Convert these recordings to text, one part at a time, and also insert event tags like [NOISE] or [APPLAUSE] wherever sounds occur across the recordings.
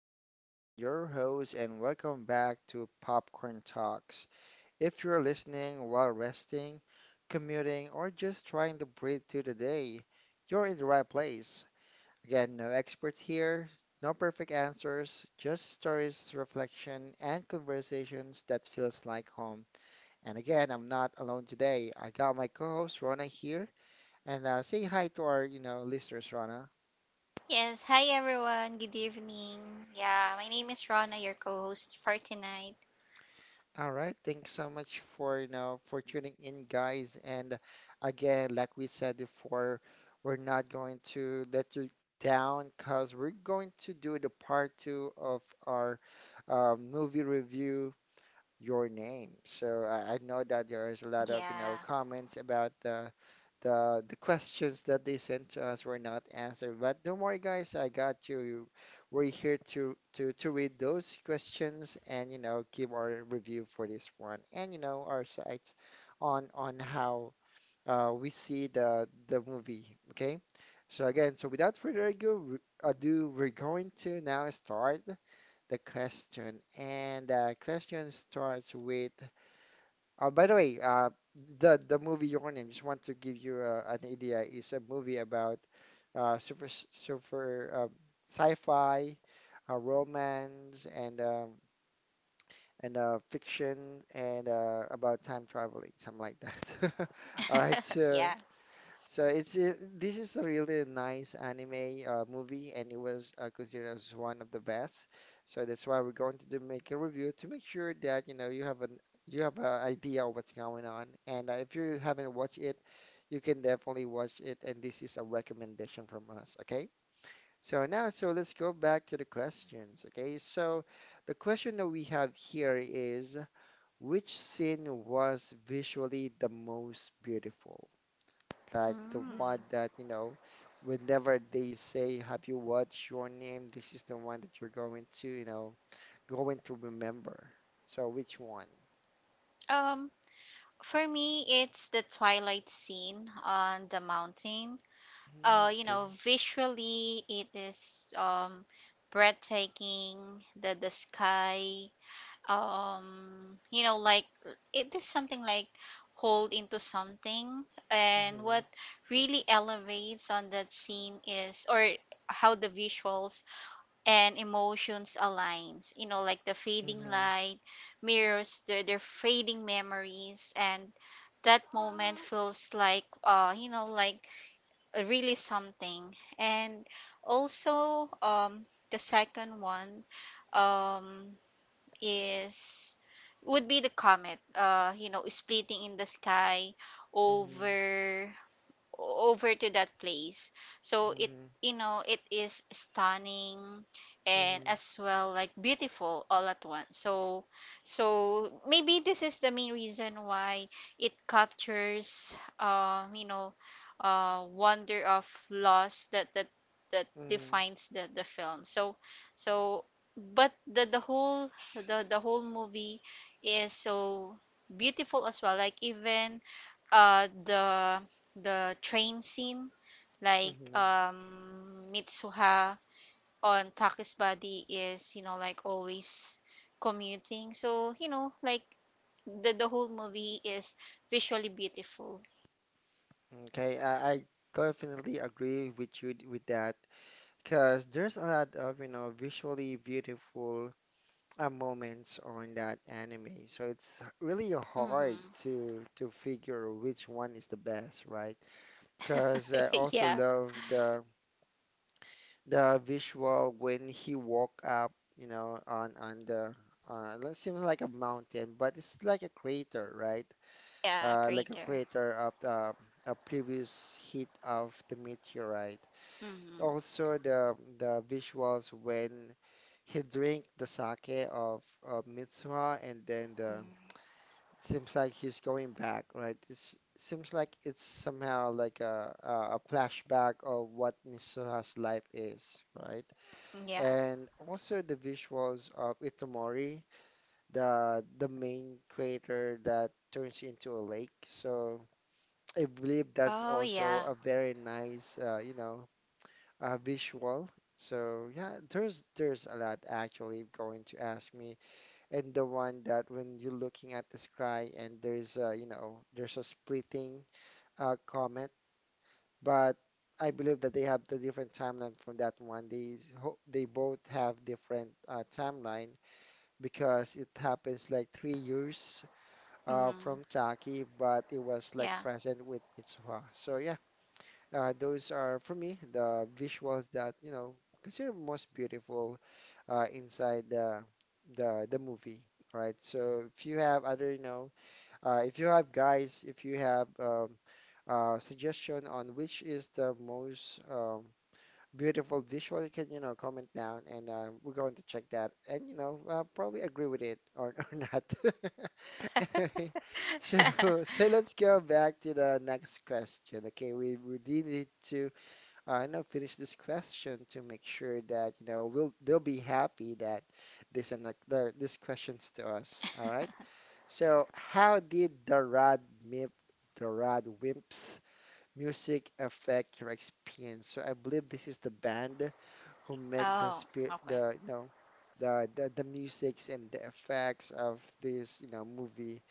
John again, your host, and welcome back to Popcorn Talks. If you're listening while resting, commuting, or just trying to breathe through the day, you're in the right place. Again, no experts here, no perfect answers, just stories, reflection, and conversations that feels like home. And again, I'm not alone today. I got my co-host Rona here, and say hi to our, listeners. Yes, hi everyone. Good evening. Yeah, my name is Rona, your co-host for tonight. All right, thanks so much for for tuning in, guys. And again, like we said before, we're not going to let you down because we're going to do the part two of our movie review, Your Name. So I know that there is a lot Yeah, of, you know, comments about the questions that they sent to us were not answered. But don't worry, guys, I got you. We're here to read those questions and, you know, give our review for this one and, you know, our sights on how we see the movie. Okay. So again, so without further ado, we're going to now start the question. And the question starts with. Oh, by the way, the movie Your Name. Just want to give you an idea. It's a movie about super super sci-fi, romance, and fiction, and about time traveling, something like that. [LAUGHS] All right, yeah. so. So this is a really nice anime movie, and it was considered as one of the best. So that's why we're going to do, make a review to make sure that you know you have an idea of what's going on. And if you haven't watched it, you can definitely watch it. And this is a recommendation from us. Okay. So now, so let's go back to the questions. Okay. So the question that we have here is, which scene was visually the most beautiful? Like the Mm. one that, you know, whenever they say, have you watched Your Name? This is the one that you're going to, remember. So which one? Um, for me, it's the twilight scene on the mountain. Mm, You okay. know, visually it is breathtaking. The sky, you know like it is something like hold into something and Mm-hmm. what really elevates on that scene is or how the visuals and emotions aligns, you know, like the fading Mm-hmm. light mirrors their fading memories, and that moment feels like you know like really something. And also the second one um is would be the comet, you know, splitting in the sky Mm-hmm. over over to that place. So it Mm-hmm. you know it is stunning and Mm-hmm. as well like beautiful all at once. So so maybe this is the main reason why it captures, you know, wonder of loss that that Mm-hmm. defines the film. So so but the whole the whole movie is so beautiful as well. Like even uh the the train scene, like Mm-hmm. Mitsuha on Taki's body is, you know, like always commuting. So, you know, like the whole movie is visually beautiful. Okay, I definitely agree with you with that because there's a lot of, you know, visually beautiful moments on that anime. So it's really hard Mm-hmm. to figure which one is the best, right? Because I [LAUGHS] also yeah, love the visual when he walk up, you know, on the it seems like a mountain, but it's like a crater, right? yeah, Like a greater. crater of the a previous hit of the meteorite. Mm-hmm. Also, the visuals when he drink the sake of Mitsuha, and then the Mm-hmm. seems like he's going back, right? It seems like it's somehow like a flashback of what Mitsuha's life is, right? Yeah. And also the visuals of Itomori, the main crater that turns into a lake. So I believe that's Oh, also yeah. a very nice, visual. So yeah, there's a lot actually. Going to ask me, and the one that when you're looking at the sky and there's a, you know, there's a splitting comet, but I believe that they have the different timeline from that one. They both have different timeline because it happens like 3 years from Mm-hmm. Taki, but it was Yeah. like present with Mitsuha. So yeah. Those are, for me, the visuals that, you know, consider most beautiful inside the movie, right? So if you have other, you know, if you have suggestion on which is the most beautiful visual, you can, you know, comment down and we're going to check that and, you know, probably agree with it, or [LAUGHS] or not. [LAUGHS] Anyway, so, [LAUGHS] so let's go back to the next question. Okay, we did need to, you know, finish this question to make sure that, you know, we'll they'll be happy that this and like this question's to us. All right. So, how did the Mip, Rad Wimps music affect your experience? So, I believe this is the band who make the oh, spirit, Okay. the you know the musics and the effects of this you know movie.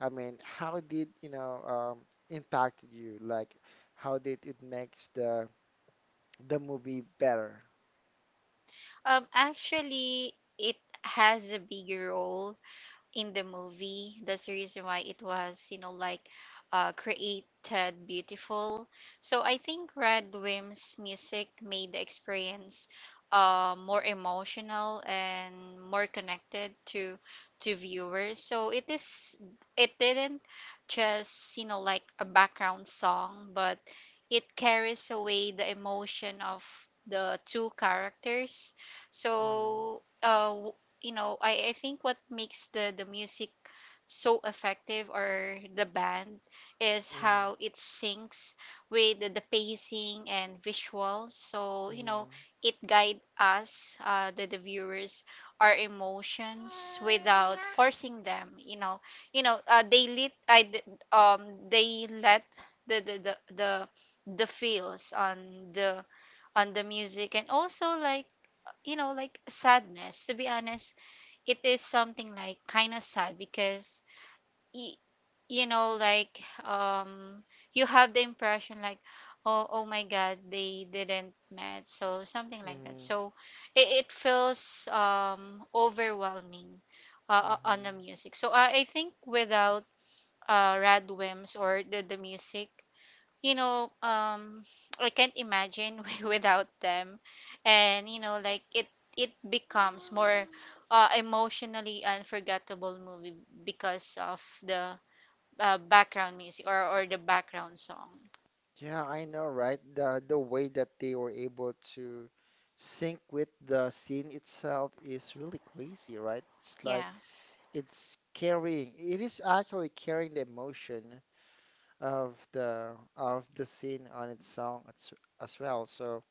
I mean, how did you know impacted you, like how did it makes the movie better? Actually, it has a bigger role in the movie. That's the reason why it was, you know, like created beautiful. So I think Red Wim's music made the experience more emotional and more connected to viewers. So it is it didn't just, you know, like a background song, but it carries away the emotion of the two characters. Mm-hmm. So you know, I think what makes the music so effective or the band is Mm. how it syncs with the pacing and visuals. So, you know, Mm. it guide us, the viewers, our emotions without forcing them, you know. You know, they lit I, d- um, they let the, the, the, the the feels on the music, and also like, you know, like sadness. To be honest, it is something like kind of sad because y- you know like you have the impression like, oh, oh my god, they didn't met, so something like that. Mm. So it feels overwhelming on the Mm. music, so I think without rad or the music, you know, I can't imagine [LAUGHS] without them, and you know, like it becomes more emotionally unforgettable movie because of the background music or the background song. Yeah, I know, right? The way that they were able to sync with the scene itself is really crazy, right? It's Yeah, like it is actually carrying the emotion of the of the scene on its song as well. So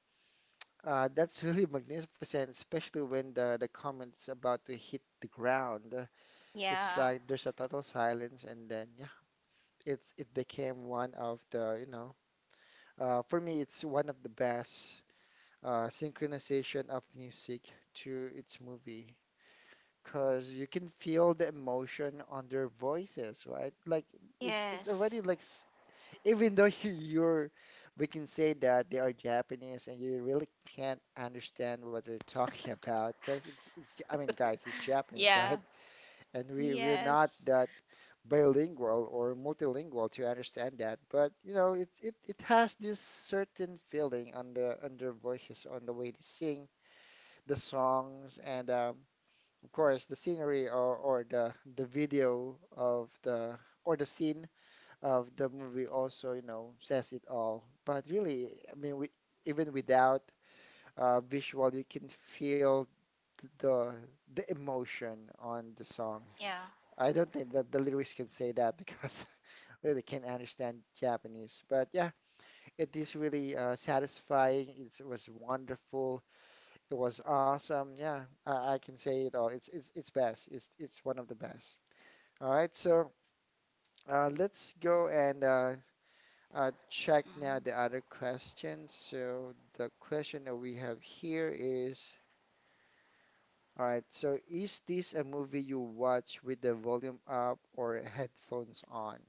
that's [LAUGHS] really magnificent, especially when the comments about to hit the ground, it's yeah, like there's a total silence, and then yeah, it's it became one of the you know for me, it's one of the best synchronization of music to its movie, because you can feel the emotion on their voices, right? Like it's yes, already like even though you're, we can say that they are Japanese and you really can't understand what they're [LAUGHS] talking about, because it's I mean, guys, it's Japanese, Yes. right? And we're not that bilingual or multilingual to understand that, but you know it has this certain feeling on the on their voices, on the way they sing the songs, and of course, the scenery, or the video of the or the scene of the movie also, you know, says it all. But really, I mean, we, even without visual, you can feel th- the the emotion on the songs. yeah. I don't think that the lyrics can say that, because [LAUGHS] really can't understand Japanese. But yeah, it is really satisfying. It was wonderful. It was awesome. Yeah, I can say it all. It's best. It's one of the best. All right, so let's go and check now the Mm. other questions. So the question that we have here is, all right, so is this a movie you watch with the volume up or headphones on?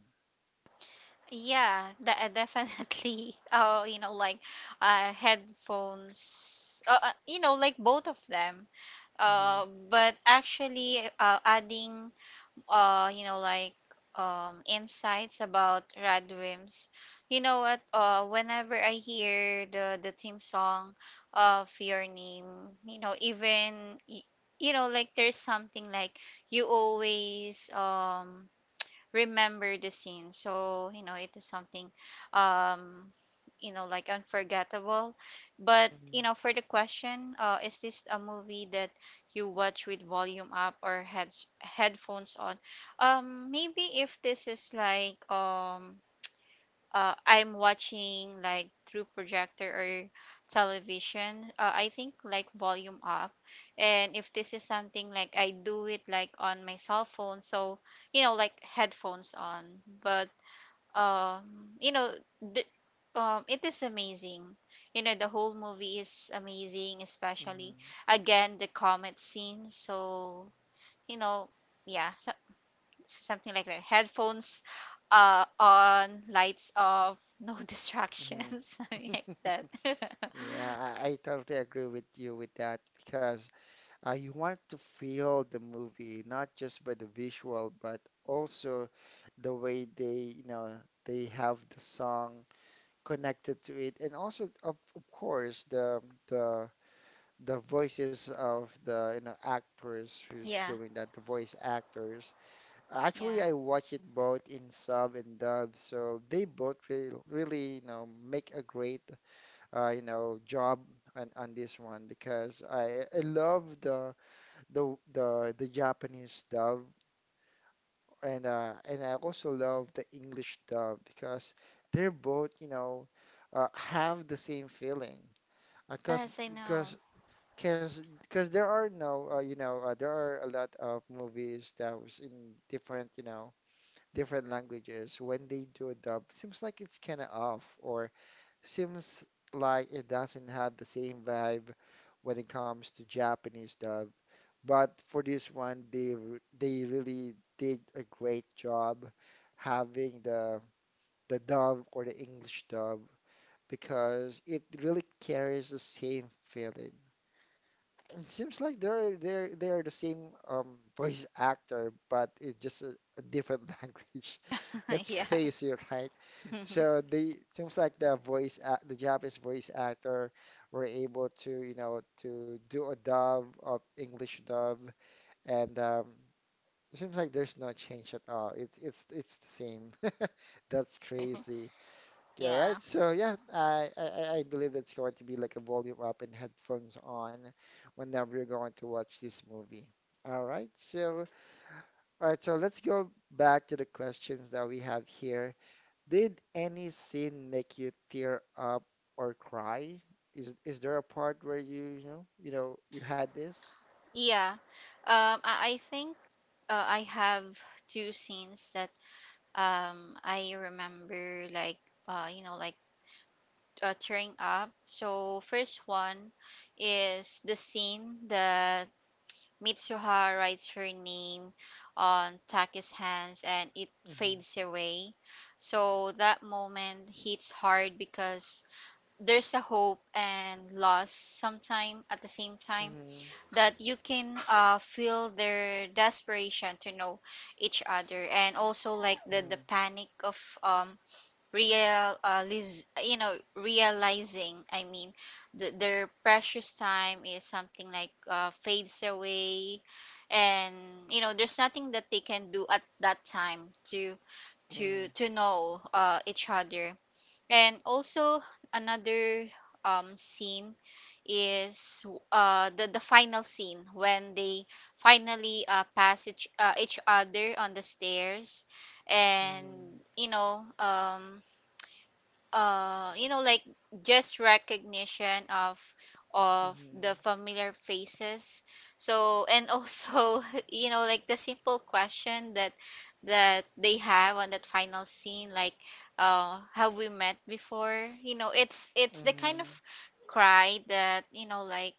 Yeah, that definitely. [LAUGHS] Oh, you know, like headphones. You know, like both of them. Hmm. But actually, adding you know, like insights about Radwim's. You know what? Whenever I hear the theme song of Your Name, you know, you know, like there's something like you always remember the scene. So, you know, it is something, um, you know, like unforgettable. But, Hmm. you know, for the question, is this a movie that you watch with volume up or heads headphones on? Maybe if this is like, I'm watching like through projector or television, I think like volume up. And if this is something like I do it like on my cell phone, so you know like headphones on. But um, you know, the, it is amazing. You know, the whole movie is amazing, especially again the comet scene. So you know, yeah, something like that. Headphones on, lights off, no [LAUGHS] Hmm. Hmm. distractions, something like that. [LAUGHS] [LAUGHS] Yeah, I totally agree with you with that, because uh, you want to feel the movie, not just by the visual, but also the way they, you know, they have the song connected to it, and also, of course, the the voices of the, you know, actors who's yeah, doing that, the voice actors. Actually, yeah. I watch it both in sub and dub, so they both really, really, you know, make a great, job on this one, because I love the the Japanese dub, and I also love the English dub, because they're both, you know, have the same feeling. Because Yes, I know. There are no there are a lot of movies that was in different you know different languages, when they do a dub seems like it's kind of off, or seems like it doesn't have the same vibe when it comes to Japanese dub. But for this one, they really did a great job having the dub or the English dub, because it really carries the same feeling. It seems like they are the same voice actor, but it's just a different [LAUGHS] language. [LAUGHS] That's yeah, crazy, right? [LAUGHS] So they seems like the voice act, the Japanese voice actor were able to you know to do a dub of English dub, and it seems like there's no change at all. It's the same. [LAUGHS] That's crazy. Okay, right. yeah, So yeah, I believe it's going to be like a volume up and headphones on whenever you're going to watch this movie. All right. So all right. So let's go back to the questions that we have here. Did any scene make you tear up or cry? Is there a part where you you know you had this? yeah. I think I have two scenes that I remember like you know like tearing up. So first one is the scene that Mitsuha writes her name on Taki's hands and it Mm-hmm. fades away. So that moment hits hard because there's a hope and loss sometime at the same time Mm-hmm. that you can feel their desperation to know each other, and also like the panic of you know, realizing, I mean, their precious time is something like fades away, and you know there's nothing that they can do at that time Mm-hmm. to know each other. And also another scene is the final scene when they finally pass each other on the stairs, and you know um you know like just recognition of the Mm-hmm. familiar faces. So and also [LAUGHS] you know like the simple question that that they have on that final scene like have we met before, you know it's the kind Mm-hmm. of cry that you know like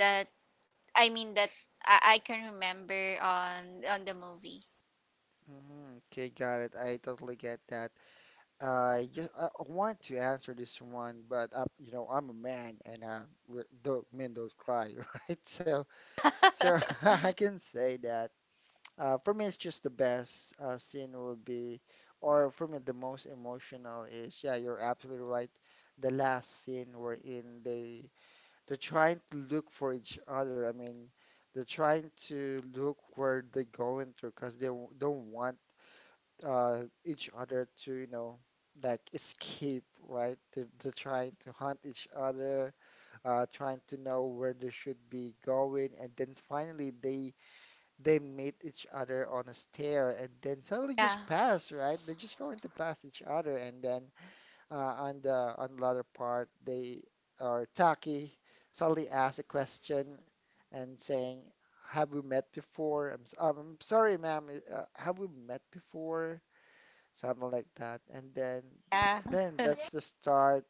that that I can remember on the movie. Hmm. Okay, got it. I totally get that. I just I want to answer this one, but I'm, you know, I'm a man, and do men don't cry, [LAUGHS] right? So, so [LAUGHS] I can say that for me, it's just the best scene will be, or for me, the most emotional is, yeah, you're absolutely right. The last scene wherein they're trying to look for each other. I mean, they're trying to look where they're going through, because they don't want uh, each other to, you know, like escape, right? To trying to hunt each other, trying to know where they should be going, and then finally they meet each other on a stair, and then suddenly Yeah just pass, right? They're just going to pass each other, and then on the other part, they or Taki suddenly asks a question and saying, have we met before? I'm sorry, ma'am. Have we met before? Something like that. And then Yeah. That's the start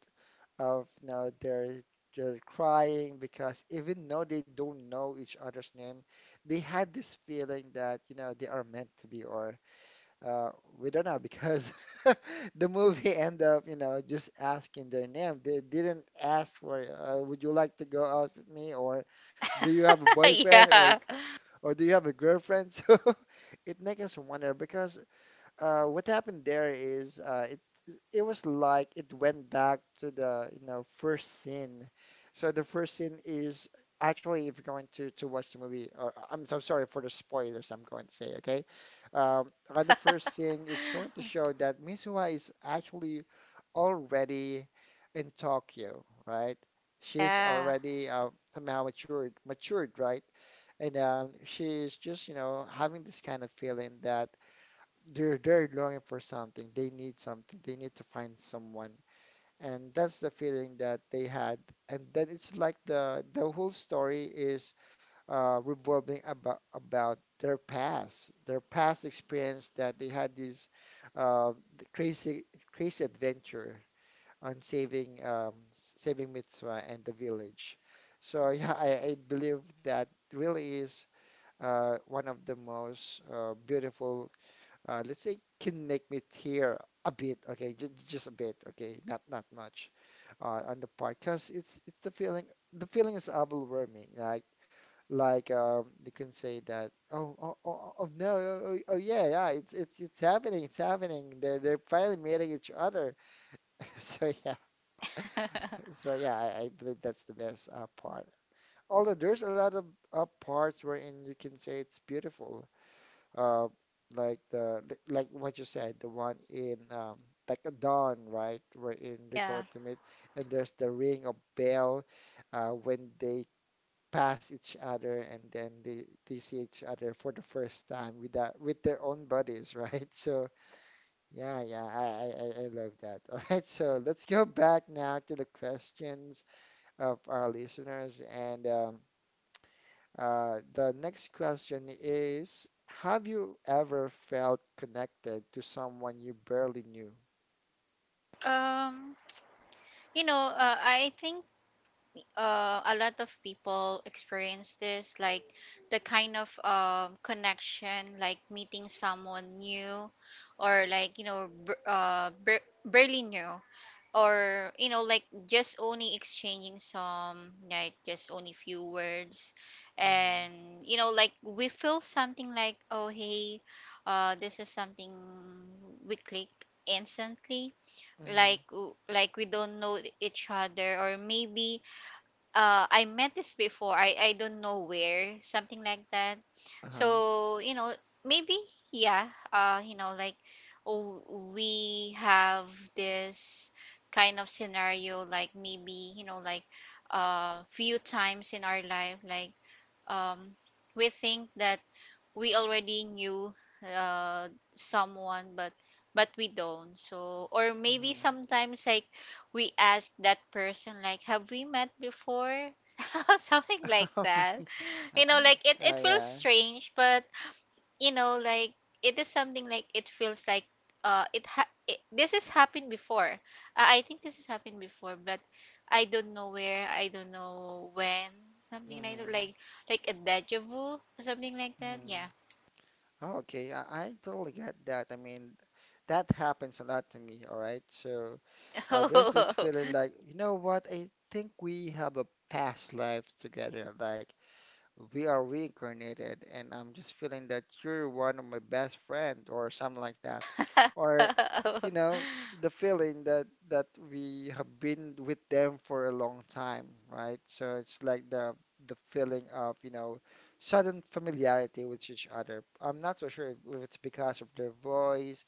of now they're just crying because even though they don't know each other's name, they had this feeling that you know they are meant to be, or uh, we don't know because [LAUGHS] the movie end up you know just asking their name. They didn't ask for would you like to go out with me, or do you have a [LAUGHS] boyfriend, yeah or do you have a girlfriend? [LAUGHS] So it makes us wonder because what happened there is it was like it went back to the you know first scene. So the first scene is actually if you're going to watch the movie, or I'm so sorry for the spoilers I'm going to say, okay? On the first scene, it's going to show that Mizuha is actually already in Tokyo, right? She's Yeah. already somehow matured, matured, right? And she's just, you know, having this kind of feeling that they're longing for something. They need something. They need to find someone. And that's the feeling that they had. And then it's like the whole story is revolving about their past experience that they had this uh, crazy crazy adventure on saving saving Mitsua and the village. So [LAUGHS] yeah, I believe that really is one of the most beautiful, let's say, can make me tear a bit, okay, just a bit, okay, not not much, on the part, cause it's the feeling is overwhelming, like you can say that, oh oh oh, oh oh, no, oh, oh oh, yeah yeah, it's happening, it's happening, they're finally meeting each other, [LAUGHS] so yeah, so yeah, I believe that's the best part. Although there's a lot of parts wherein you can say it's beautiful, uh, like the li- like what you said, the one in like a dawn, right? Wherein they're yeah going to meet, and there's the ring of bell when they pass each other, and then they see each other for the first time with that with their own bodies, [LAUGHS] right? So yeah, yeah, I love that. [LAUGHS] All right, so let's go back now to the questions of our listeners, and the next question is, have you ever felt connected to someone you barely knew? Um. You know, I, think a lot of people experience this, like the kind of connection, like meeting someone new, or like, you know, barely new, or, you know, like just only exchanging some, like just only few words. Mm-hmm. And, you know, like we feel something like, oh, hey, this is something we click instantly, Mm-hmm. like like we don't know each other, or maybe I met this before, I don't know where, something like that. Uh-huh. So you know maybe yeah you know like we have this kind of scenario like maybe you know like few times in our life like um we think that we already knew uh, someone, but we don't. So or maybe Mm-hmm. sometimes like we ask that person like, have we met before? [LAUGHS] Something like [LAUGHS] that. mm You know like it Oh, feels yeah. strange, but you know like it is something like it feels like it, ha- it this has happened before, I think this has happened before, but I don't know where, I don't know when, something like that, Mm-hmm. Like a deja vu, something like that. Yeah Mm-hmm. Okay, I totally get that. I mean, that happens a lot to me, all right? So, there's this Oh. feeling like, you know what? I think we have a past life together. Like, we are reincarnated and I'm just feeling that you're one of my best friend or something like that. Or, [LAUGHS] you know, the feeling that we have been with them for a long time, right? So it's like the feeling of, you know, sudden familiarity with each other. I'm not so sure if it's because of their voice,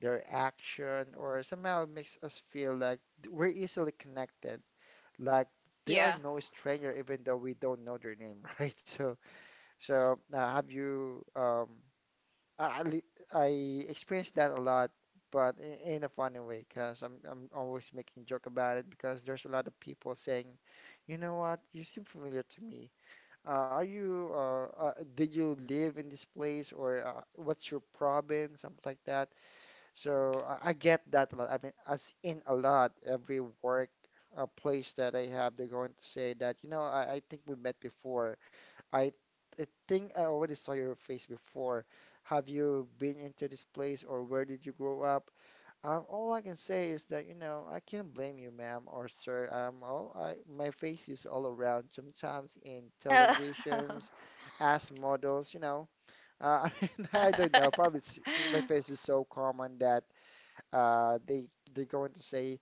their action, or somehow it makes us feel like we're easily connected. Like they Yeah. are no stranger even though we don't know their name, [LAUGHS] right? So so have you? I experienced that a lot, but in a funny way, because I'm always making joke about it because there's a lot of people saying, you know what, you seem familiar to me. Are you? Did you live in this place, or what's your province? Something like that. So I get that a lot. I mean, as in a lot, every work place that I have, they're going to say that, you know, I think we met before. I, I think I already saw your face before. Have you been into this place, or where did you grow up? All I can say is that, you know, I can't blame you, ma'am or sir. Oh, my face is all around, sometimes in Oh. televisions, as models, you know. [LAUGHS] I mean, I don't know. Probably [LAUGHS] it's, my face is so common that they they're going to say,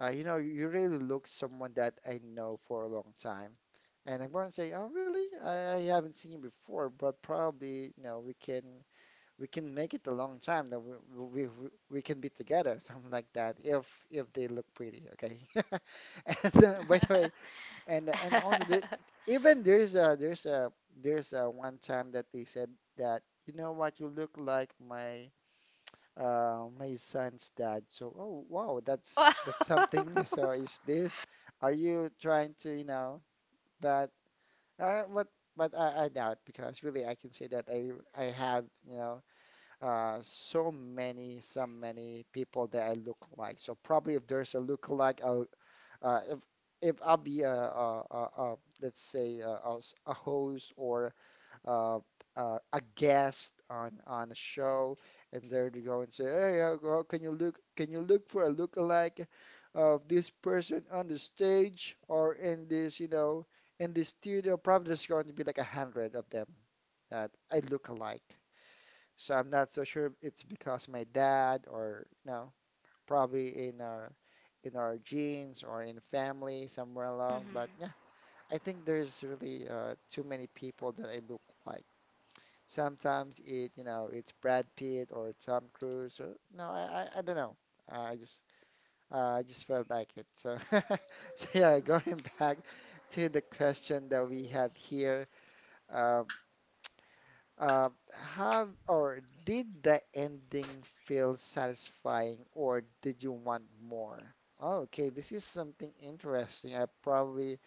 you know, you really look someone that I know for a long time, and I'm going to say, oh, really? I haven't seen you before, but probably, you know, we can make it a long time that we can be together, [LAUGHS] something like that, if they look pretty, okay? [LAUGHS] And by the way, and also the, even there's a one time that they said that you know what you look like my my son's dad. So, oh wow, that's Wow. something. [LAUGHS] New. So, is this? Are you trying to, you know? But what? But I doubt because really I can say that I have you know so many people that I look like. So probably if there's a look alike, I'll uh if if I'll be a let's say a host or uh, a guest on a show, and there you go and say, "Hey, go- can you look for a lookalike of this person on the stage or in this, you know, in the studio?" Probably there's going to be like a hundred of them that I look alike. So I'm not so sure if it's because my dad or no, probably in our genes or in family somewhere along. But Mhm. yeah, I think there's really too many people that I look like. Sometimes it, you know, it's Brad Pitt or Tom Cruise or no, I don't know. Uh, I just I just felt like it. So, [LAUGHS] so yeah, going [LAUGHS] back to the question that we have here, um, uh, have, or did the ending feel satisfying, or did you want more? Oh, okay, this is something interesting. I probably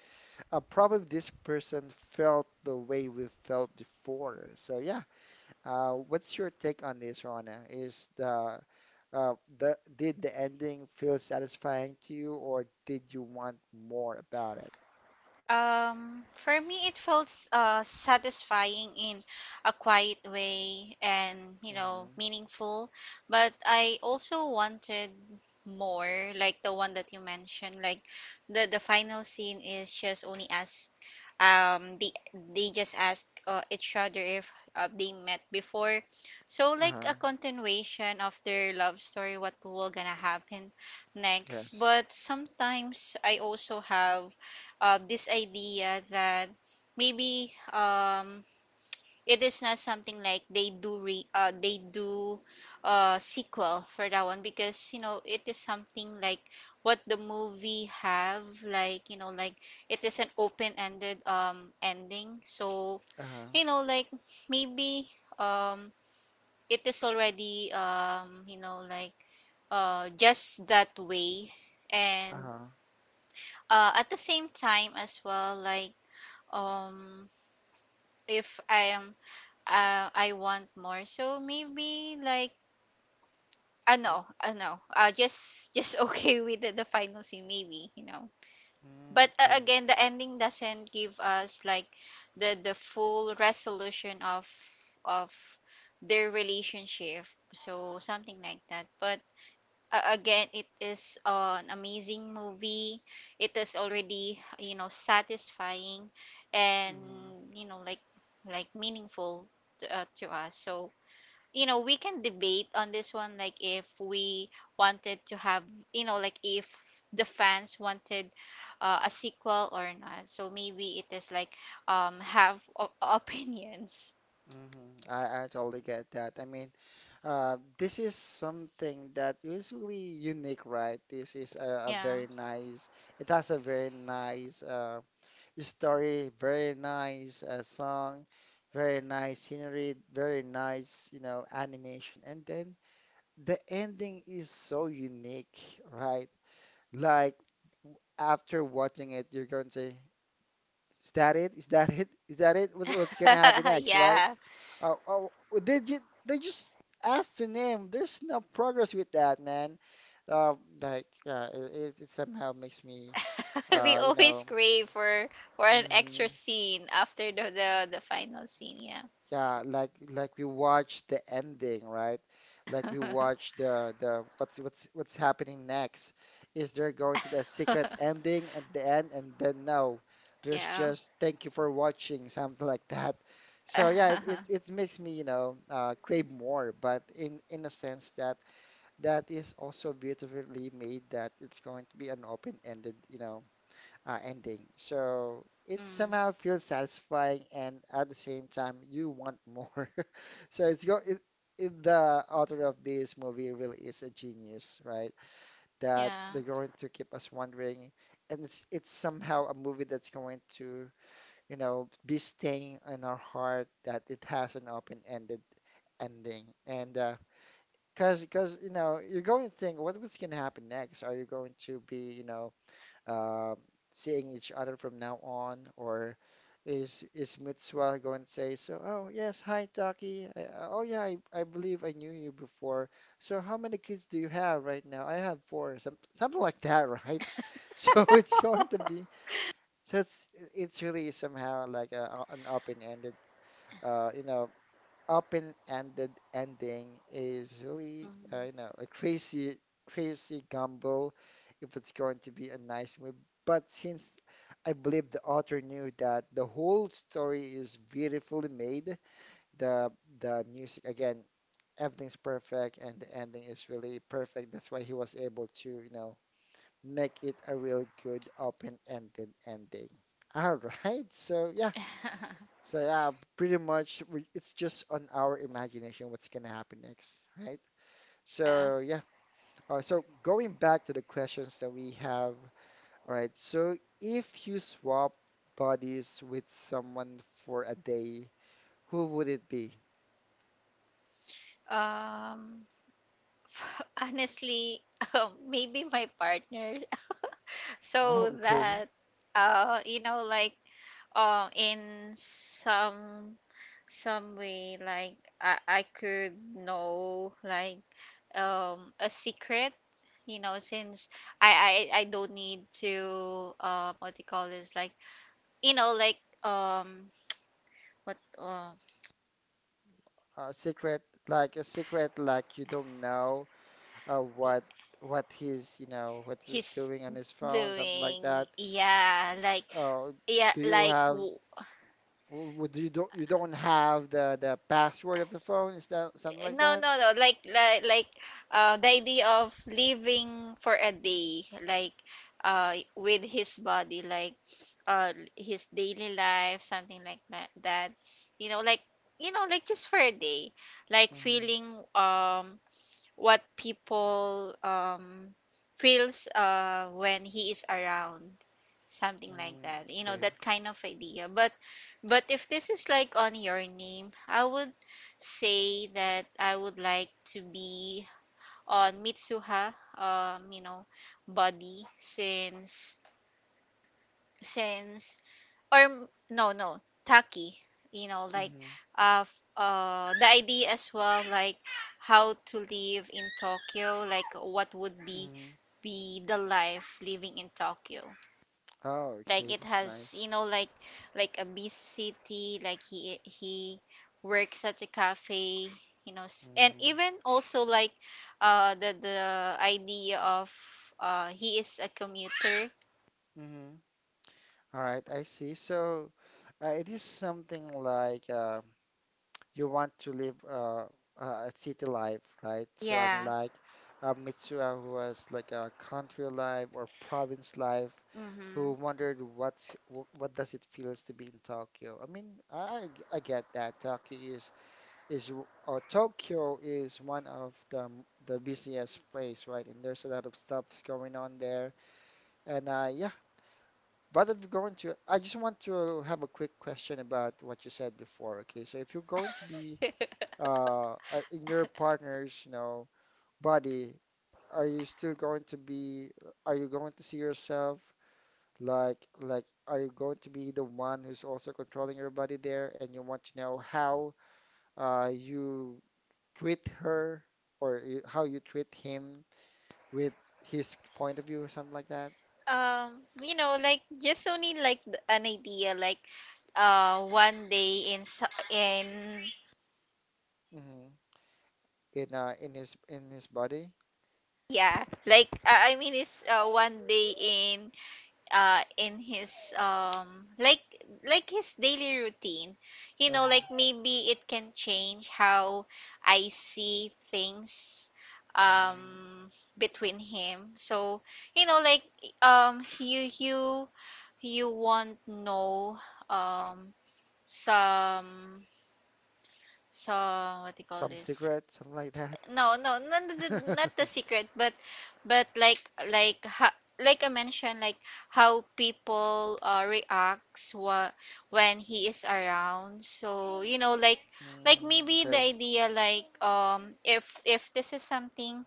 probably this person felt the way we felt before. So yeah, what's your take on this, Rona? Is the did the ending feel satisfying to you, or did you want more about it? For me, it felt satisfying in a quiet way and, you know, Mm-hmm. meaningful. But I also wanted more, like the one that you mentioned. Like the final scene is just only ask, um, they they just ask each other if they met before. So like a Uh-huh. continuation of their love story, what will gonna happen next. Yes. But sometimes I also have this idea that maybe it is not something like they do re they do sequel for that one, because you know it is something like what the movie have, like you know like it is an open-ended ending. So Uh-huh. you know like maybe um it is already you know like just that way. And Uh-huh. At the same time as well like um if I am I want more, so maybe like Y- no, just just [LAUGHS] okay with the final scene, maybe you know. Mm, But okay. again, the ending doesn't give us like the full resolution of their relationship, so something like that. But again, it is an amazing movie, it is already you know satisfying and Mm-hmm. you know like meaningful to us. So you know we can debate on this one like if we wanted to have you know like if the fans wanted a sequel or not. So maybe it is like have opinions Mm-hmm. I totally get that. I mean, this is something that is really unique, right? This is a yeah very nice. It has a very nice. Story, very nice song, very nice scenery, very nice, you know, animation. And then the ending is so unique, right? Like after watching it, you're going to say, "Is that it? Is that [LAUGHS] it? Is that it? What, what's gonna happen [LAUGHS] next, right?" yeah Oh, oh, they just asked the name. There's no progress with that, man. Like, yeah, it it somehow makes me, [LAUGHS] We you always know, crave for an extra mhm. scene after the the final scene yeah Yeah, like we watch the ending, right? Like we watch the what's happening next. Is there going to be a secret ending at the end? And then no, there's [LAUGHS] yeah just thank you for watching, [LAUGHS] something like that. So yeah, [LAUGHS] it makes me, you know, crave more, but in a sense that that is also beautifully made that it's going to be an open-ended, you know, ending. So it mm, somehow feels satisfying, and at the same time, you want more. [LAUGHS] So it's go. It, the author of this movie really is a genius, right? That yeah they're going to keep us wondering, and it's somehow a movie that's going to, you know, be staying in our heart that it has an open-ended ending, and cause you know, you're going to think, what what's going to happen next? Are you going to be, you know, um seeing each other from now on? Or is Mitsua going to say, so, oh, yes, hi, Taki. Oh, yeah, I believe I knew you before. So how many kids do you have right now? I have four, something like that, right? [LAUGHS] So it's going to be, so it's, it's really somehow like a, an open-ended, you know, open-ended ending is really, mm you know, a crazy, crazy gamble if it's going to be a nice movie. But since I believe the author knew that the whole story is beautifully made, the the music again, everything's perfect and the ending is really perfect. That's why he was able to, you know, make it a really good open-ended ending. All right, so yeah, [LAUGHS] so yeah, pretty much it's just on our imagination what's gonna happen next, right? yeah So yeah, so going back to the questions that we have, all right. So if you swap bodies with someone for a day, who would it be? [LAUGHS] um [LAUGHS] honestly [LAUGHS] Maybe my partner, so Oh, okay. that uh you know like in some way, like I could know, like, a secret. You know, since I don't need to, what do you call this, like, you know, like, um what A secret, a secret, like you don't know uh, what what he's, you know, what he's he's doing on his phone, something like doing. that. Yeah like Uh, yeah do you like have? w- Or would you don't have the password of the phone? Is that something like no that? no no like like The idea of living for a day, like, with his body, like, his daily life, something like that. That's, you know, like, you know, like, just for a day, like Mm-hmm. feeling um what people feels when he is around, something like Mm, that. You know, okay. that kind of idea. But if this is like on Your Name, I would say that I would like to be on Mitsuha, you know, body. Since or m- no no Tacky, you know, like, Mm-hmm. The idea as well, like how to live in Tokyo. Like, what would be Mm-hmm. The life living in Tokyo. Oh, Like, okay. it That's has, you nice. know, like a busy city. Like, he works at a cafe. You know, and Mm-hmm. even also like the idea of, he is a commuter. Mm-hmm. All right. I see. So, it is something like. You want to live a city life, right? So Yeah, unlike Mitsuha, who has like a country life or province life, who mm-hmm. wondered what does it feels to be in Tokyo. I mean, I get that Tokyo is w- or Tokyo is one of the busiest place, right? And there's a lot of stuffs going on there. And yeah, but if you're going to, I just want to have a quick question about what you said before. Okay, so if you're going to be [LAUGHS] in your partner's, you know, body, are you still going to be, are you going to see yourself are you going to be the one who's also controlling your body there, and you want to know how you treat her or you, how you treat him with his point of view or something like that? um, You know, like, just only like, an idea, like one day in Hmm. In his in his body, yeah, like, I mean it's one day in his, um like like his daily routine. You know, uh-huh. like, maybe it can change how I see things, Mm. um between him. So, you know, like, um you you you won't know um some some, what do you call Some this? secret, something like that. No, no, not the, not the [LAUGHS] secret, but like ha, like I mentioned, like how people reacts, what when he is around. So you know, like Mm, maybe the okay. idea, like, if this is something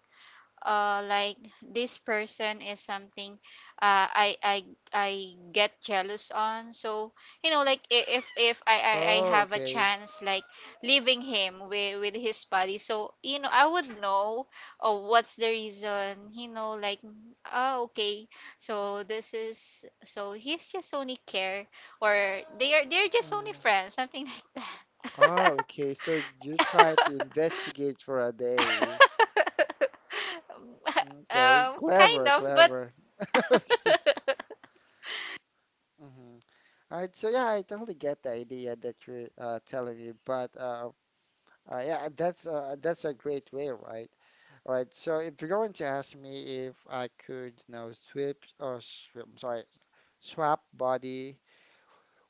like, this person is something uh I I I get jealous on. So you know like, if I Oh, have a okay. chance, like leaving him with his body, so you know, I would know what's the reason. You know, like, oh okay, so this is, so he's just only care, or they are, they're just only Mm. friends, something like that. Oh, okay. So you try to [LAUGHS] investigate for a [LAUGHS] day. um, Okay. Kind Clever, of, but clever. [LAUGHS] [LAUGHS] Okay. Mm-hmm. All right. So yeah, I totally get the idea that you're telling me, but yeah, that's a great way, right? All right. So if you're going to ask me if I could, you know, I'm sorry, swap body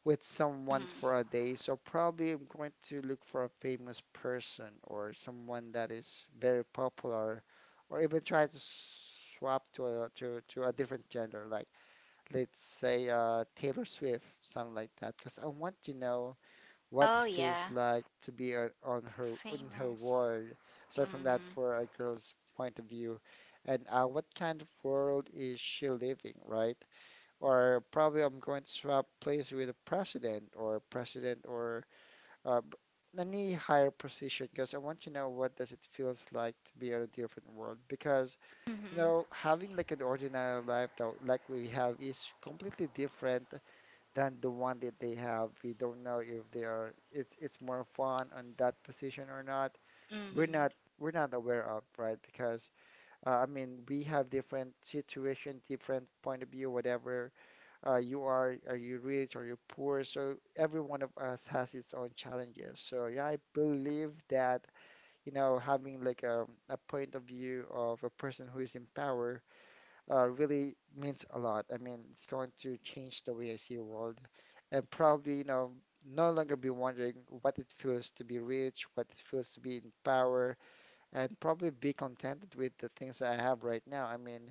with someone mhm. for a day. So probably I'm going to look for a famous person or someone that is very popular, or even try to swap to a to to a different gender, like let's say Taylor Swift, something like that, because I want to know what it Oh feels yeah, like to be on her in her famous. world. Aside from that, Mhm. for a girl's point of view, and what kind of world is she living, right? Or probably I'm going to swap place with a president or uh, any higher position because I want to know what does it feels like to be on a different world because you Mhm. know having like an ordinary life that like we have is completely different than the one that they have. We don't know if they are it's more fun on that position or not. We're Mhm. not we're not aware of, right? Because I mean we have different situation, different point of view, whatever you are you rich are you poor so every one of us has its own challenges so yeah I believe that you know having like a point of view of a person who is in power really means a lot. I mean it's going to change the way I see the world and probably you know no longer be wondering what it feels to be rich what it feels to be in power and probably be contented with the things I have right now. I mean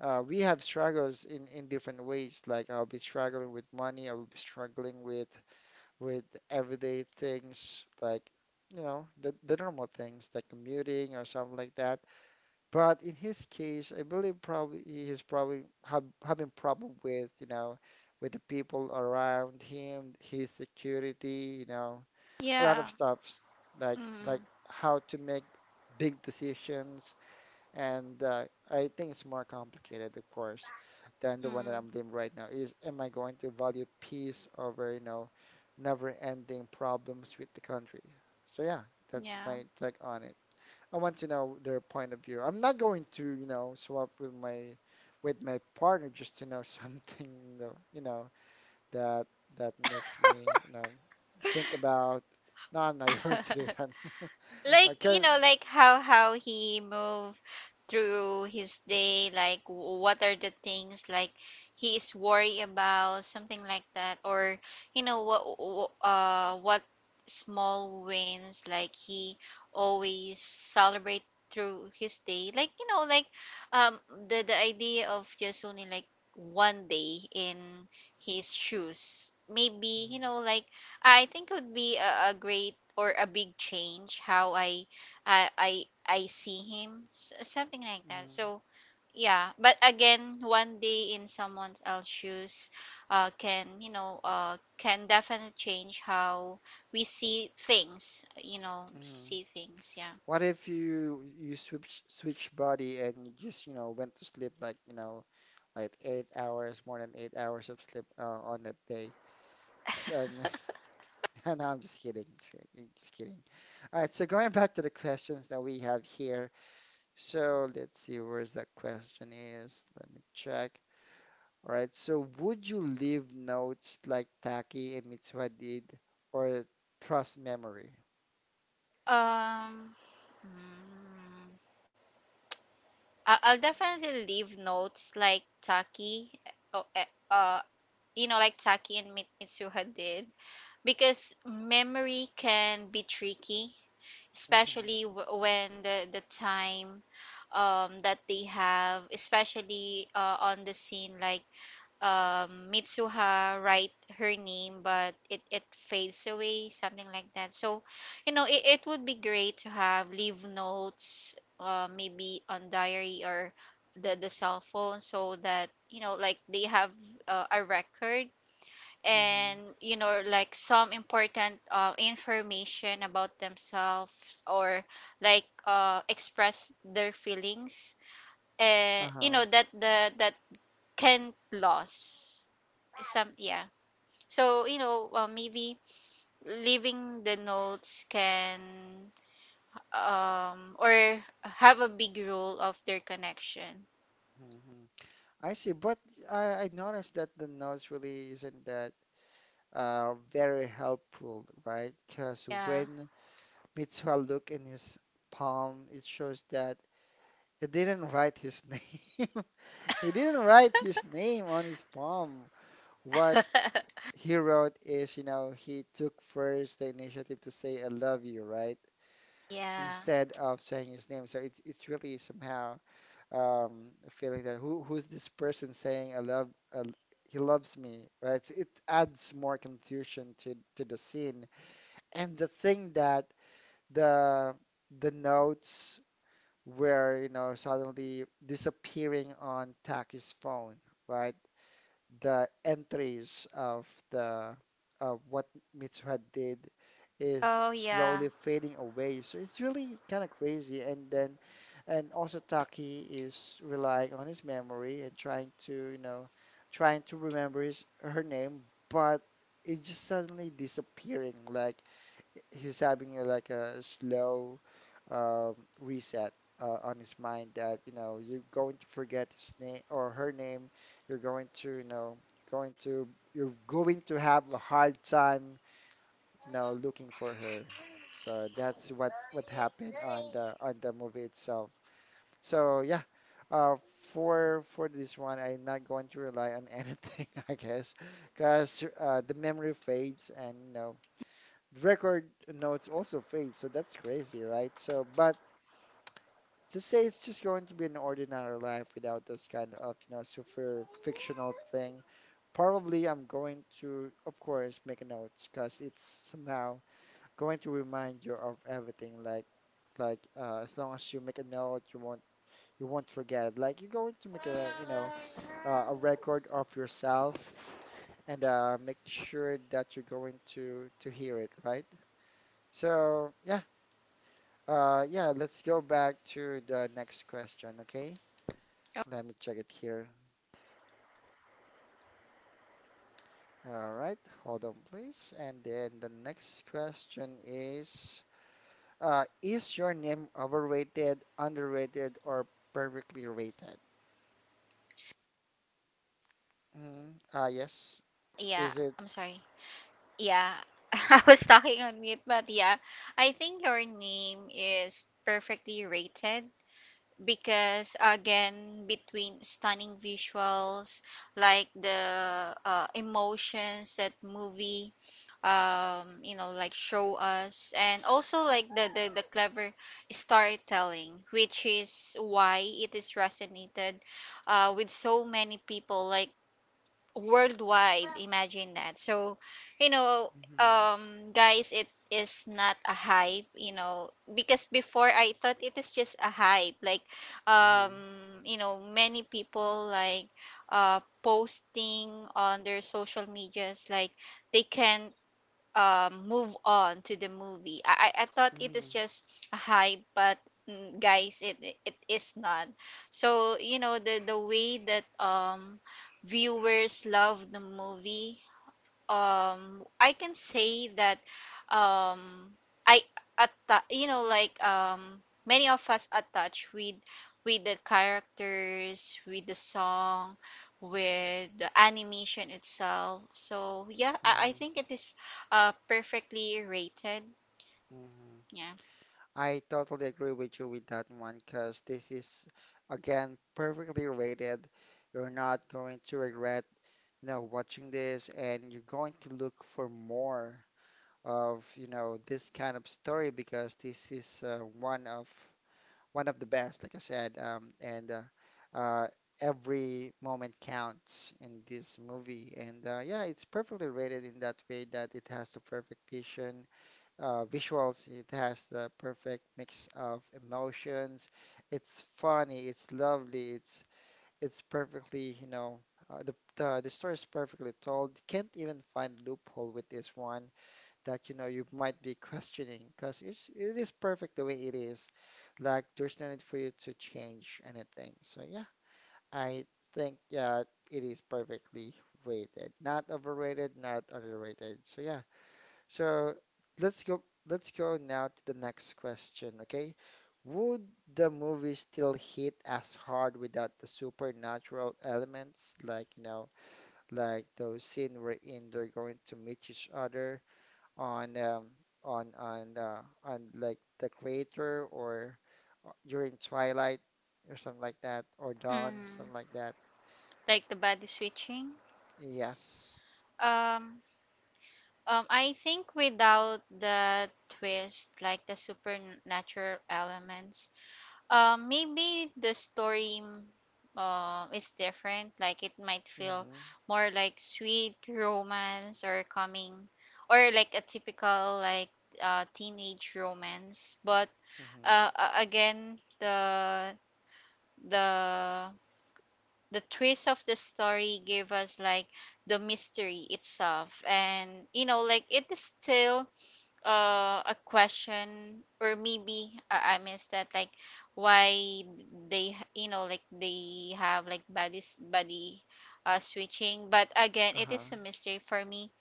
we have struggles in different ways. Like I'll be struggling with money, I will be struggling with everyday things like you know the normal things like commuting or something like that. But in his case, I believe probably having problem with you know with the people around him, his security, you know, a lot Yeah. of stuffs like like Mhm. how to make big decisions and I think it's more complicated, of course, than the one that Mhm. I'm living right now. Is am I going to value peace over, you know, never-ending problems with the country? So yeah, that's Yeah. my take on it. I want to know their point of view. I'm not going to, you know, swap with my partner just to know [LAUGHS] something, though, you know, that that makes me, you know, think about. No, I'm not [LAUGHS] going to do that. [LAUGHS] [LAUGHS] Like, you Okay. know, like, how he move through his day. Like, what are the things like he is worried about, something like that. Or, you know what, what small wins like he always celebrate through his day. Like, you know, like, um the idea of just only like one day in his shoes, maybe, you Mhm, know, like, I think it would be a great or a big change how I see him, something like that. mhm, So yeah, but again, one day in someone else's shoes, can, you know, can definitely change how we see things. You know, mhm. see things. Yeah. What if you switch body and you just, you know, went to sleep like, you know, like 8 hours, more than 8 hours of sleep on that day? And [LAUGHS] no, I'm just kidding. Just kidding. Just kidding. All right, so going back to the questions that we have here. So let's see where's that question is. Let me check. All right, so would you leave notes like Taki and Mitsuha did or trust memory? Um, mm, I'll definitely leave notes like Taki, uh, uh, you know, like Taki and Mitsuha did, because memory can be tricky, Mm-hmm. especially when the time that they have, especially on the scene, like, Mitsuha write her name, but it fades away, something like that. So you know, it would be great to have leave notes, maybe on diary or the cell phone, so that you know, like, they have a record. Mm-hmm. And you know, like, some important information about themselves or like, express their feelings. And you Uh-huh. know that, the that can lose some, yeah. So you know, maybe leaving the notes can or have a big role of their connection. Hmm. I see, but I noticed that the notes really isn't that very helpful, right? Because Yeah. when Mitsuha looked in his palm, it shows that he didn't write his [LAUGHS] name. He didn't write his name on his palm. What he wrote is, you know, he took first the initiative to say I love you, right? [LAUGHS] Yeah. Instead of saying his name. So it's really somehow feeling that who's this person saying I love I, l- he loves me, right? So it adds more confusion to the scene. And the thing that the the notes were, you know, suddenly disappearing on Taki's phone, right? The entries of the of what Mitsuha did is Oh yeah. slowly fading away. So it's really kind of crazy. And then, and also Taki is relying on his memory and trying to, you know, trying to remember his her name, but it's just suddenly disappearing. Like he's having a, like a slow reset on his mind that you know you're going to forget his name or her name you're going to you know you're going to you're going to have a hard time you know looking for her so that's what happened on the movie itself so yeah for this one I'm not going to rely on anything [LAUGHS] I guess because the memory fades and you know the record notes also fade, so that's crazy, right? So, but to say it's just going to be an ordinary life without those kind of, you know, super fictional thing, probably I'm going to, of course, make a notes because it's somehow going to remind you of everything. Like as long as you make a note, you won't forget. Like you're going to make a, you know, a record of yourself and make sure that you're going to hear it, right? So yeah, yeah, let's go back to the next question, okay? Oh, Let me check it here. All right, hold on, please. And then the next question is your name overrated, underrated, or perfectly rated? Mm, yes. yeah. Is it? I'm sorry. Yeah, [LAUGHS] I was talking on mute, but yeah, I think Your Name is perfectly rated, because again, between stunning visuals, like the emotions that movie, you know, like, show us, and also like the clever storytelling, which is why it is resonated with so many people. Like, worldwide, imagine that. So you know, Mm-hmm, guys, it is not a hype, you know, because before I thought it is just a hype, like, um mm-hmm, you know, many people like posting on their social medias, like they can move on to the movie. I thought it mm-hmm, is just a hype, but mm, guys, it is not. So you know, the way that viewers love the movie, I can say that um I you know, like, many of us attach with the characters, with the song, with the animation itself. So yeah, I think it is perfectly rated. mm-hmm, Yeah. I totally agree with you with that one because this is again perfectly rated. You're not going to regret, you know, watching this and you're going to look for more of, you know, this kind of story because this is one of the best, like I said, and every moment counts in this movie. And yeah, it's perfectly rated in that way that it has the perfect vision visuals. It has the perfect mix of emotions. It's funny. It's lovely. It's perfectly, you know, the story is perfectly told. You can't even find loophole with this one that you know you might be [LAUGHS] questioning because it's it is perfect the way it is. Like there's no need for you to change anything. So yeah, I think yeah, it is perfectly rated, not overrated, not underrated. So yeah. So let's go let's go now to the next question, okay? Would the movie still hit as hard without the supernatural elements, like you know, like those scene wherein they're going to meet each other on on like the crater or during twilight or something like that or dawn, Mm, something like that. like the body switching. Yes. Um, I think without the twist, like the supernatural elements, maybe the story, mm, is different. Like, it might feel Mm-hmm. more like sweet romance or coming, or like a typical like teenage romance. But Mm-hmm. Again, the the the twist of the story gave us like the mystery itself, and you know, like, it is still a question, or maybe I missed that. Like, why they you know, like, they have like body switching. But again, it is Uh-huh. a mystery for me.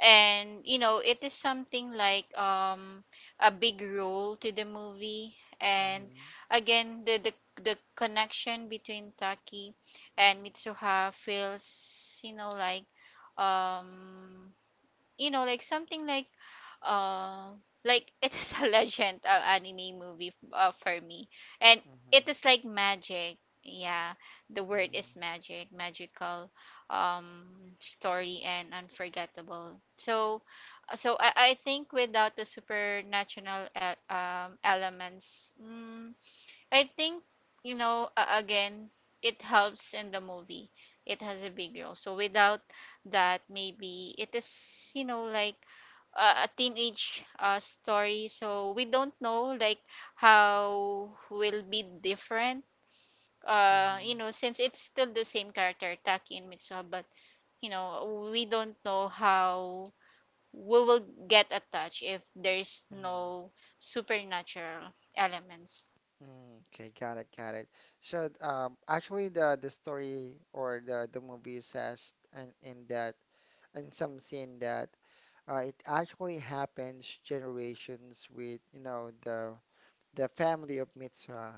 And you know, it is something like, a big role to the movie. And Mm-hmm. again, the connection between Taki and Mitsuha feels, you know, like, um you know, like, something uh like it is [LAUGHS] a legend anime movie for me. And it Mm-hmm. is like magic, yeah, the word Mm-hmm. is magic, magical, um story, and unforgettable. So so I think without the supernatural elements, mm, I think, you know, again, it helps in the movie. It has a big role. So without that, maybe it is, you know, like a teenage story. So we don't know, like, how will be different. You Mm-hmm. know, since it's still the same character, Taki and Mitsuha, but you know, we don't know how we will get attached if there's Mm, no supernatural elements. mm, okay, got it, got it. The story or the movie says in that in some scene that it actually happens generations with the family of Mitsua,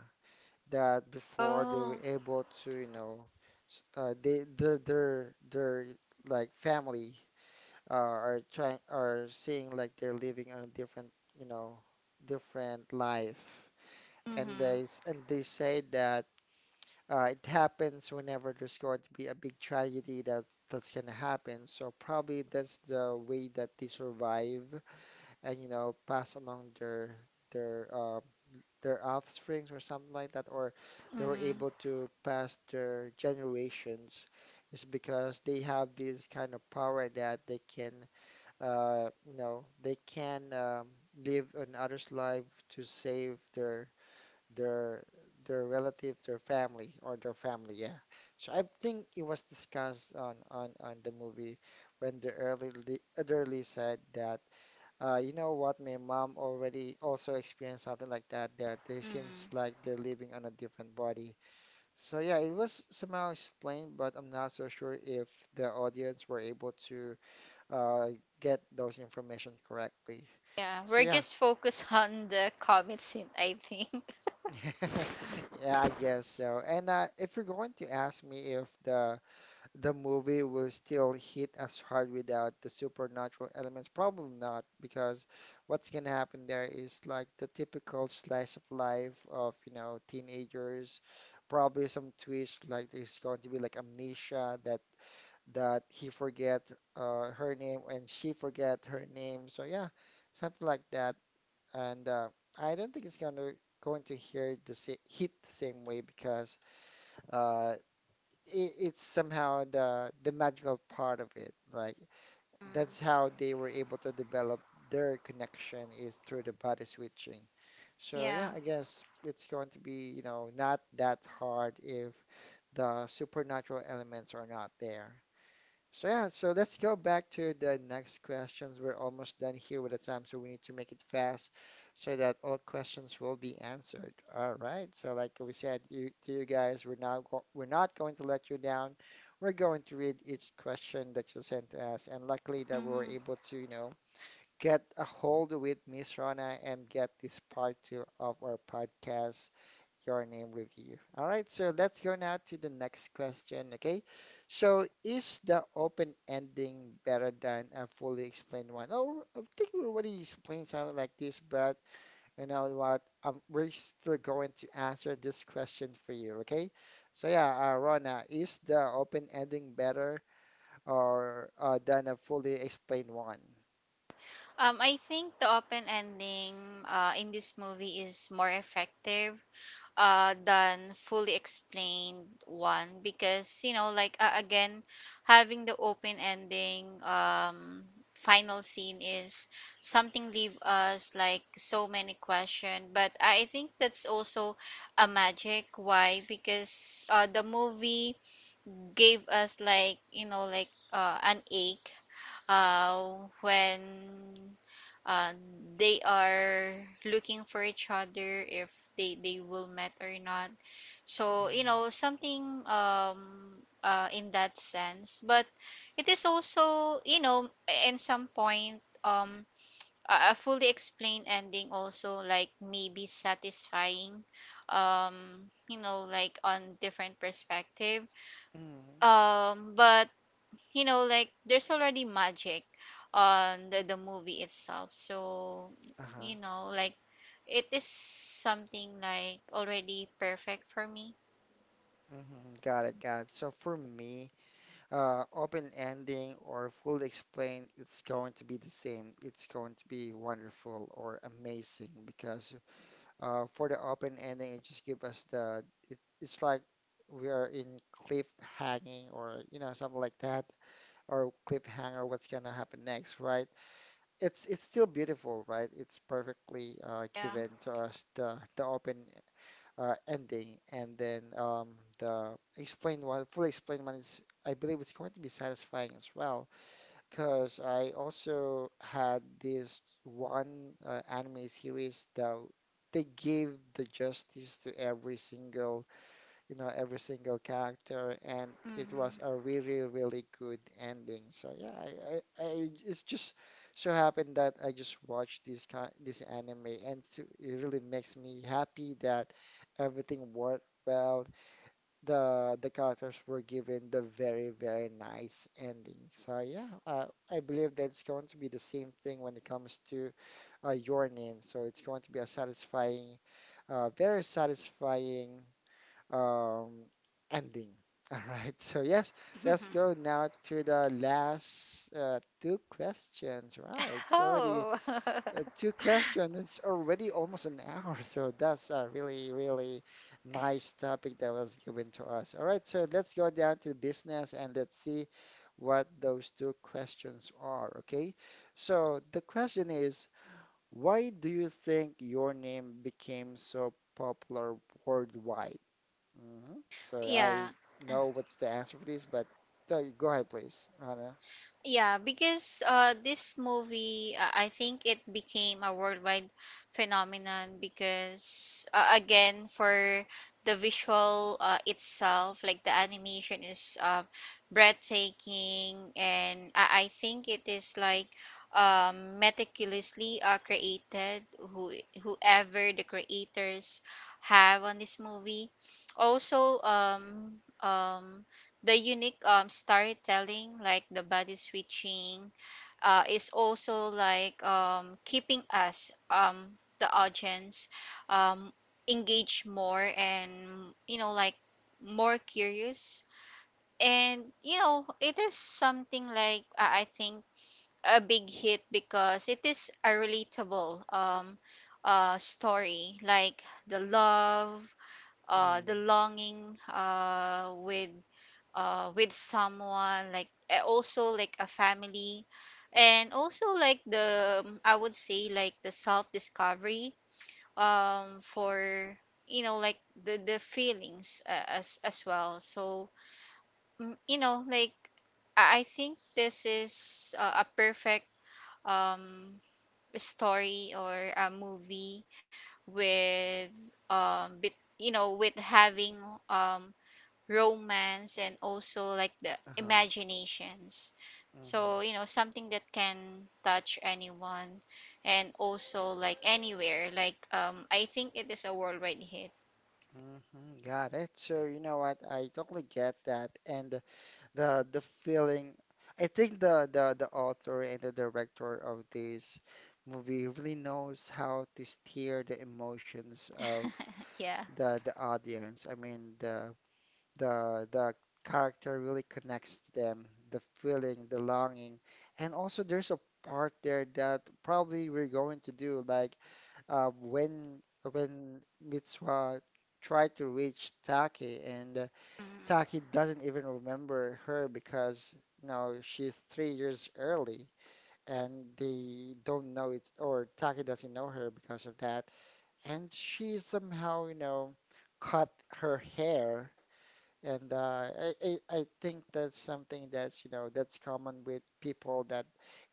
that before they Oh. were able to, they their like family are trying, are seeing like they're living on a different, you know different life. And they Mm-hmm. And they say that it happens whenever there's going to be a big tragedy, that that's gonna happen. So probably that's the way that they survive and pass along their their uh, their offsprings or something like that, or they were Mm, able to pass their generations. Is because they have this kind of power that they can, they can live on others' life to save their their relatives, their family, or their family, yeah. So I think it was discussed on the movie, when the elderly said that, what, my mom already also experienced something like that. That they seems mm. like they're living on a different body. So yeah, it was somehow explained, but I'm not so sure if the audience were able to uh, get those information correctly. Yeah, So we're yeah, just focused [LAUGHS] on the comet scene, I think. [LAUGHS] [LAUGHS] yeah, I guess so. And if you're going to ask me if the movie will still hit us hard without the supernatural elements, probably not, because what's gonna happen there is like the typical slice of life of, you know, teenagers, probably some twist like there's going to be like amnesia that he forget her name and she forget her name. So yeah, something like that, and I don't think it's gonna going to hear the sa hit the same way because uh, it's somehow the magical part of it. Like that's Mm, how they were able to develop their connection is through the body switching. So yeah, yeah. I guess it's going to be, you know, not that hard if the supernatural elements are not there. So yeah, so let's go back to the next questions. We're almost done here with the time, so we need to make it fast so that all questions will be answered. All right. So like we said, you guys, we're not going to let you down. We're going to read each question that you sent us, and luckily that we were Mm. able to, you know, get a hold with Miss Rana and get this part two of our podcast, your name review. All right, so let's go now to the next question, okay? So is the open ending better than a fully explained one? Oh, I think we already explained something like this, but you know what? We're still going to answer this question for you, okay? So yeah, Rona, is the open ending better or than a fully explained one? I think the open ending in this movie is more effective than fully explained one, because you know, like, again, having the open ending, final scene is something, leave us like so many question. But I think that's also a magic. Why? Because the movie gave us like, you know, like, an ache when uh, they are looking for each other, if they, they will met or not. So you Mm, know, something, in that sense, but it is also, you know, in some point, a fully explained ending also like maybe satisfying, um you know, like, on different perspective, mm, but you know, like, there's already magic on the movie itself. So uh-huh. you know, like, it is something like already perfect for me. Hmm, got it, got it. So for me, open ending or fully explained, it's going to be the same. It's going to be wonderful or amazing because for the open ending, it just give us the it's like we are in cliffhanging or, you know, something like that, or cliffhanger. What's gonna happen next, right? It's still beautiful, right? It's perfectly Yeah. given to us the open ending, and then the explain one, fully explained one, is, I believe it's going to be satisfying as well, because I also had this one anime series that they gave the justice to every single, you know, every single character, and it Mm-hmm. was a really, really good ending. So yeah, I it's just so happened that I just watched this kind, this anime, and so it really makes me happy that everything worked well. The characters were given the very, very nice ending. So yeah, I believe that it's going to be the same thing when it comes to Your Name. So it's going to be a satisfying, very satisfying um, ending. [LAUGHS] All right, so yes, let's go now to the last two questions. Wow, [LAUGHS] it's already Oh. Two questions. [LAUGHS] It's already almost an hour, [LAUGHS] so that's a really, really nice topic that was given to us. All right, so let's go down to business and let's see what those two questions are. Okay, so the question is. Why do you think your name became so popular worldwide? Hmm. So Yeah. I know what's the answer for this, but go ahead, please, Rana. Yeah, because this movie, I think it became a worldwide phenomenon, because again, for the visual itself, like, the animation is breathtaking, and I think it is like meticulously created, whoever the creators have on this movie. Also, the unique storytelling, like the body switching is also like keeping us, the audience, um, engaged more. And you know, like, more curious. And you know, it is something like, I think a big hit, because it is a relatable story, like the love, Mm, the longing, with someone, like, eh, also like a family, and also like the, I would say like the self discovery, for you know, like, the feelings as well. So mm, you know, like, I think this is a perfect um story or a movie with bit, you know, with having um romance and also like the uh-huh. imaginations. Mm-hmm. So you know, something that can touch anyone, and also like anywhere. Like, I think it is a worldwide hit. Hmm, got it. So you know what? I totally get that. And the feeling I think the author and the director of this movie really knows how to steer the emotions of Yeah. the audience. I mean the the the character really connects to them, the feeling, the longing, and also there's a part there that probably we're going to do like uh, when when Mitsuha tried to reach Taki, and Mm-hmm. Taki doesn't even remember her because, you know, she's 3 years early and they don't know it, or Taki doesn't know her because of that, and she somehow, you know, cut her hair. And I think that's something that's, you know, that's common with people that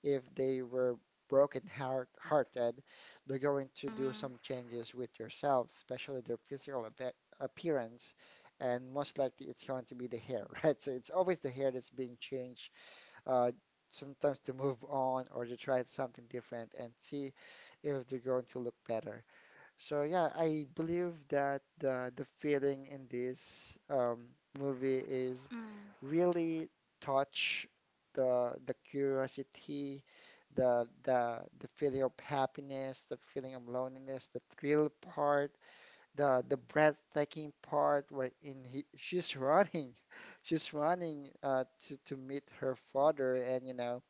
if they were broken heart hearted, they're going to do some changes with yourselves, especially their physical appearance. And most likely it's going to be the hair, [LAUGHS] right? So it's always the hair that's being changed, uh, sometimes to move on or to try something different and see if they're going to look better. So yeah, I believe that the feeling in this movie is Mm-hmm. really touch the curiosity, the feeling of happiness, the feeling of loneliness, the thrill part, the breathtaking part where in she's running, [LAUGHS] she's running to meet her father, and you know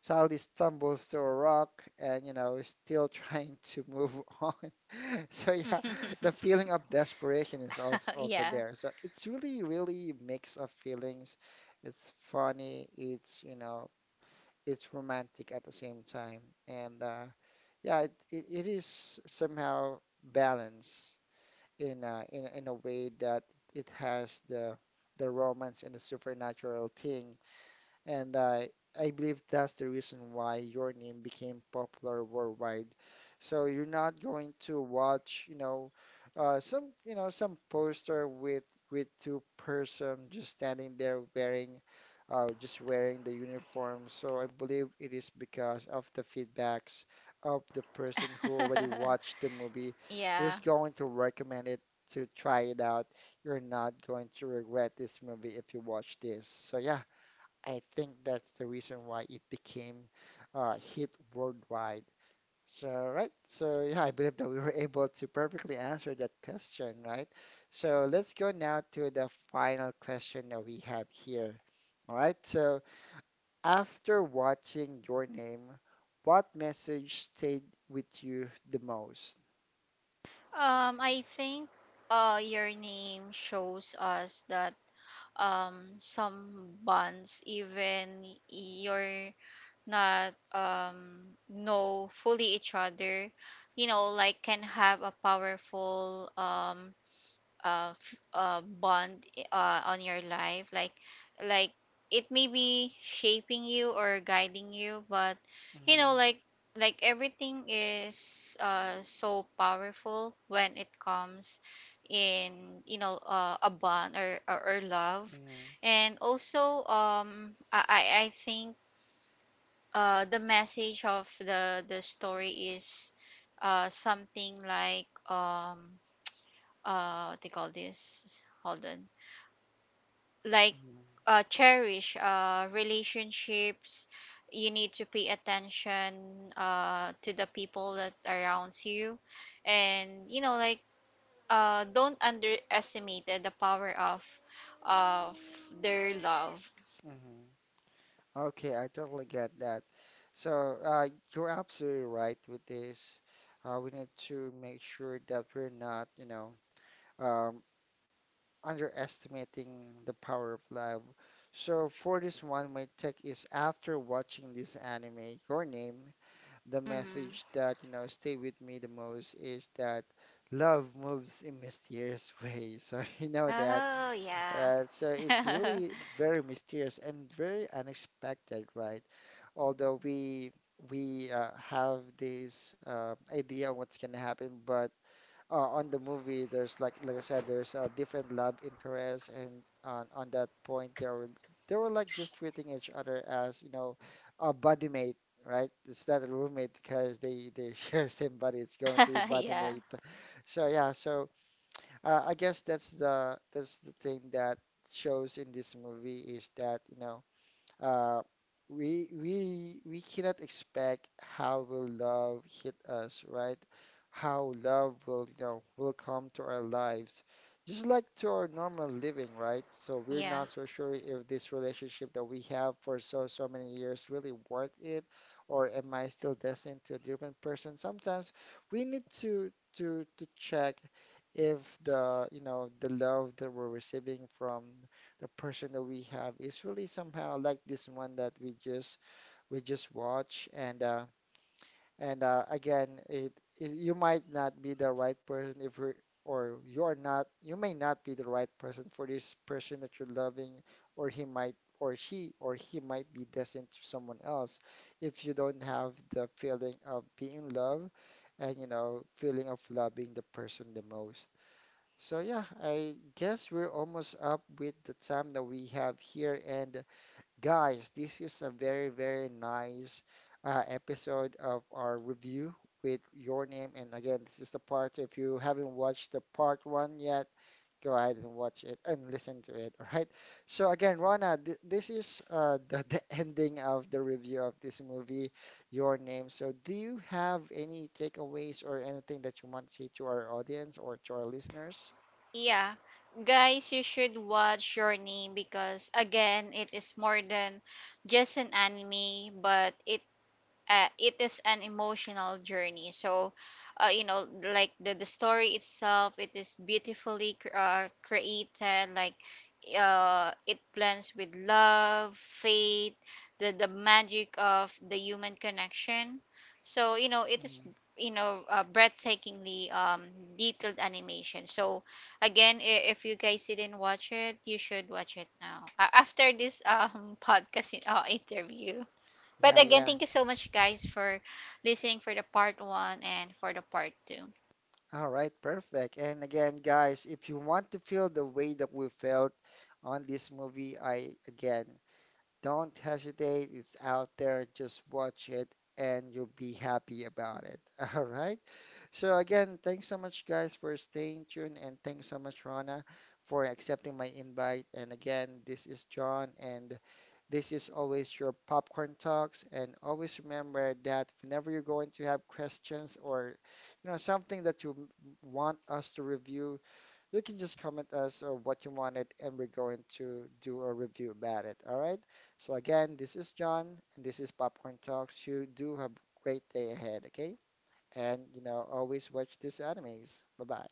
Saudi stumbles to a rock and, you know, is still [LAUGHS] trying to move [LAUGHS] on. So yeah, the feeling of desperation is [LAUGHS] also Yeah. there. So it's really, really mix of feelings. It's funny, it's, you know, it's romantic at the same time. And yeah, it is somehow balanced in a way that it has the romance and the supernatural thing, and I believe that's the reason why your name became popular worldwide. So you're not going to watch, you know, some, you know, some poster with two-person just standing there wearing, just wearing the uniform. So I believe it is because of the feedbacks of the person who already [LAUGHS] watched the movie, Yeah, who's going to recommend it to try it out. You're not going to regret this movie if you watch this. So yeah. I think that's the reason why it became hit worldwide. So, right. So, yeah, I believe that we were able to perfectly answer that question, right? So, let's go now to the final question that we have here. All right. So, after watching Your Name, what message stayed with you the most? I think, Your Name shows us that, some bonds, even your not know fully each other, you know, like, can have a powerful, bond on your life. Like, it may be shaping you or guiding you. But you Mm-hmm. know, like, everything is so powerful when it comes in, you know, a bond, or love. And also, I think the message of the story is something like, what they call this, hold on, like Mm-hmm. Cherish relationships. You need to pay attention to the people that around you. And you know, like, don't underestimate the power of their love. Mm-hmm. Okay, I totally get that. So, you're absolutely right with this. We need to make sure that we're not, you know, um, underestimating the power of love. So, for this one, my take is after watching this anime, Your Name, the Mhm. message that, you know, stay with me the most is that love moves in mysterious ways. [LAUGHS] So, you know that Oh yeah. right, so it's really very mysterious and very unexpected, right? Although we have this idea of what's gonna happen, but on the movie, there's like I said, there's different love interests, and on that point, they were like just treating each other as, you know, a buddy mate, right? It's not a roommate because they [LAUGHS] share same body. It's going to be [LAUGHS] buddy Yeah. mate. So yeah, so I guess that's the thing that shows in this movie is that, you know, uh, we cannot expect how will love hit us, right? How love will, you know, will come to our lives, just like to our normal living, right? So we're Yeah. not so sure if this relationship that we have for so many years really worth it, or am I still destined to a different person? Sometimes we need to check if the, you know, the love that we're receiving from the person that we have is really somehow like this one that we just watch. And Again, it you might not be the right person if you may not be the right person for this person that you're loving, or he might, or she or he might be destined to someone else if you don't have the feeling of being loved and, you know, feeling of loving the person the most. So yeah, I guess we're almost up with the time that we have here. And guys, this is a very, very nice episode of our review with Your Name. And again, this is the part, if you haven't watched the part one yet, go ahead and watch it and listen to it. [LAUGHS] All right. So again, Rana, th this is [LAUGHS] the ending of the review of this movie, Your Name. So do you have any takeaways or anything that you want to say to our audience or to our listeners? Yeah. Guys, you should watch Your Name, because again, it is more than just an anime, but it, it is an emotional journey. So, you know, like, the story itself, it is beautifully created. Like, it blends with love, faith, the magic of the human connection. So, you know, it is, Mm. you know, breathtakingly, detailed animation. So again, if you guys didn't watch it, you should watch it now. After this [LAUGHS] podcast interview. But Yeah, again, yeah. thank you so much, guys, for listening for the part one and for the part two. All right, perfect. And again, guys, if you want to feel the way that we felt on this movie, I again, don't hesitate. It's out there. Just watch it and you'll be happy about it. [LAUGHS] All right. So again, thanks so much, guys, for staying tuned, and thanks so much, Rana, for accepting my invite. And again, this is John, and this is always your popcorn talks, and always remember that whenever you're going to have questions or, you know, something that want us to review, you can just comment us or what you wanted, and we're going to do a review about it. All right. So again, this is John, and this is Popcorn Talks. You do have a great day ahead, okay? And you know, always watch these animes. Bye bye.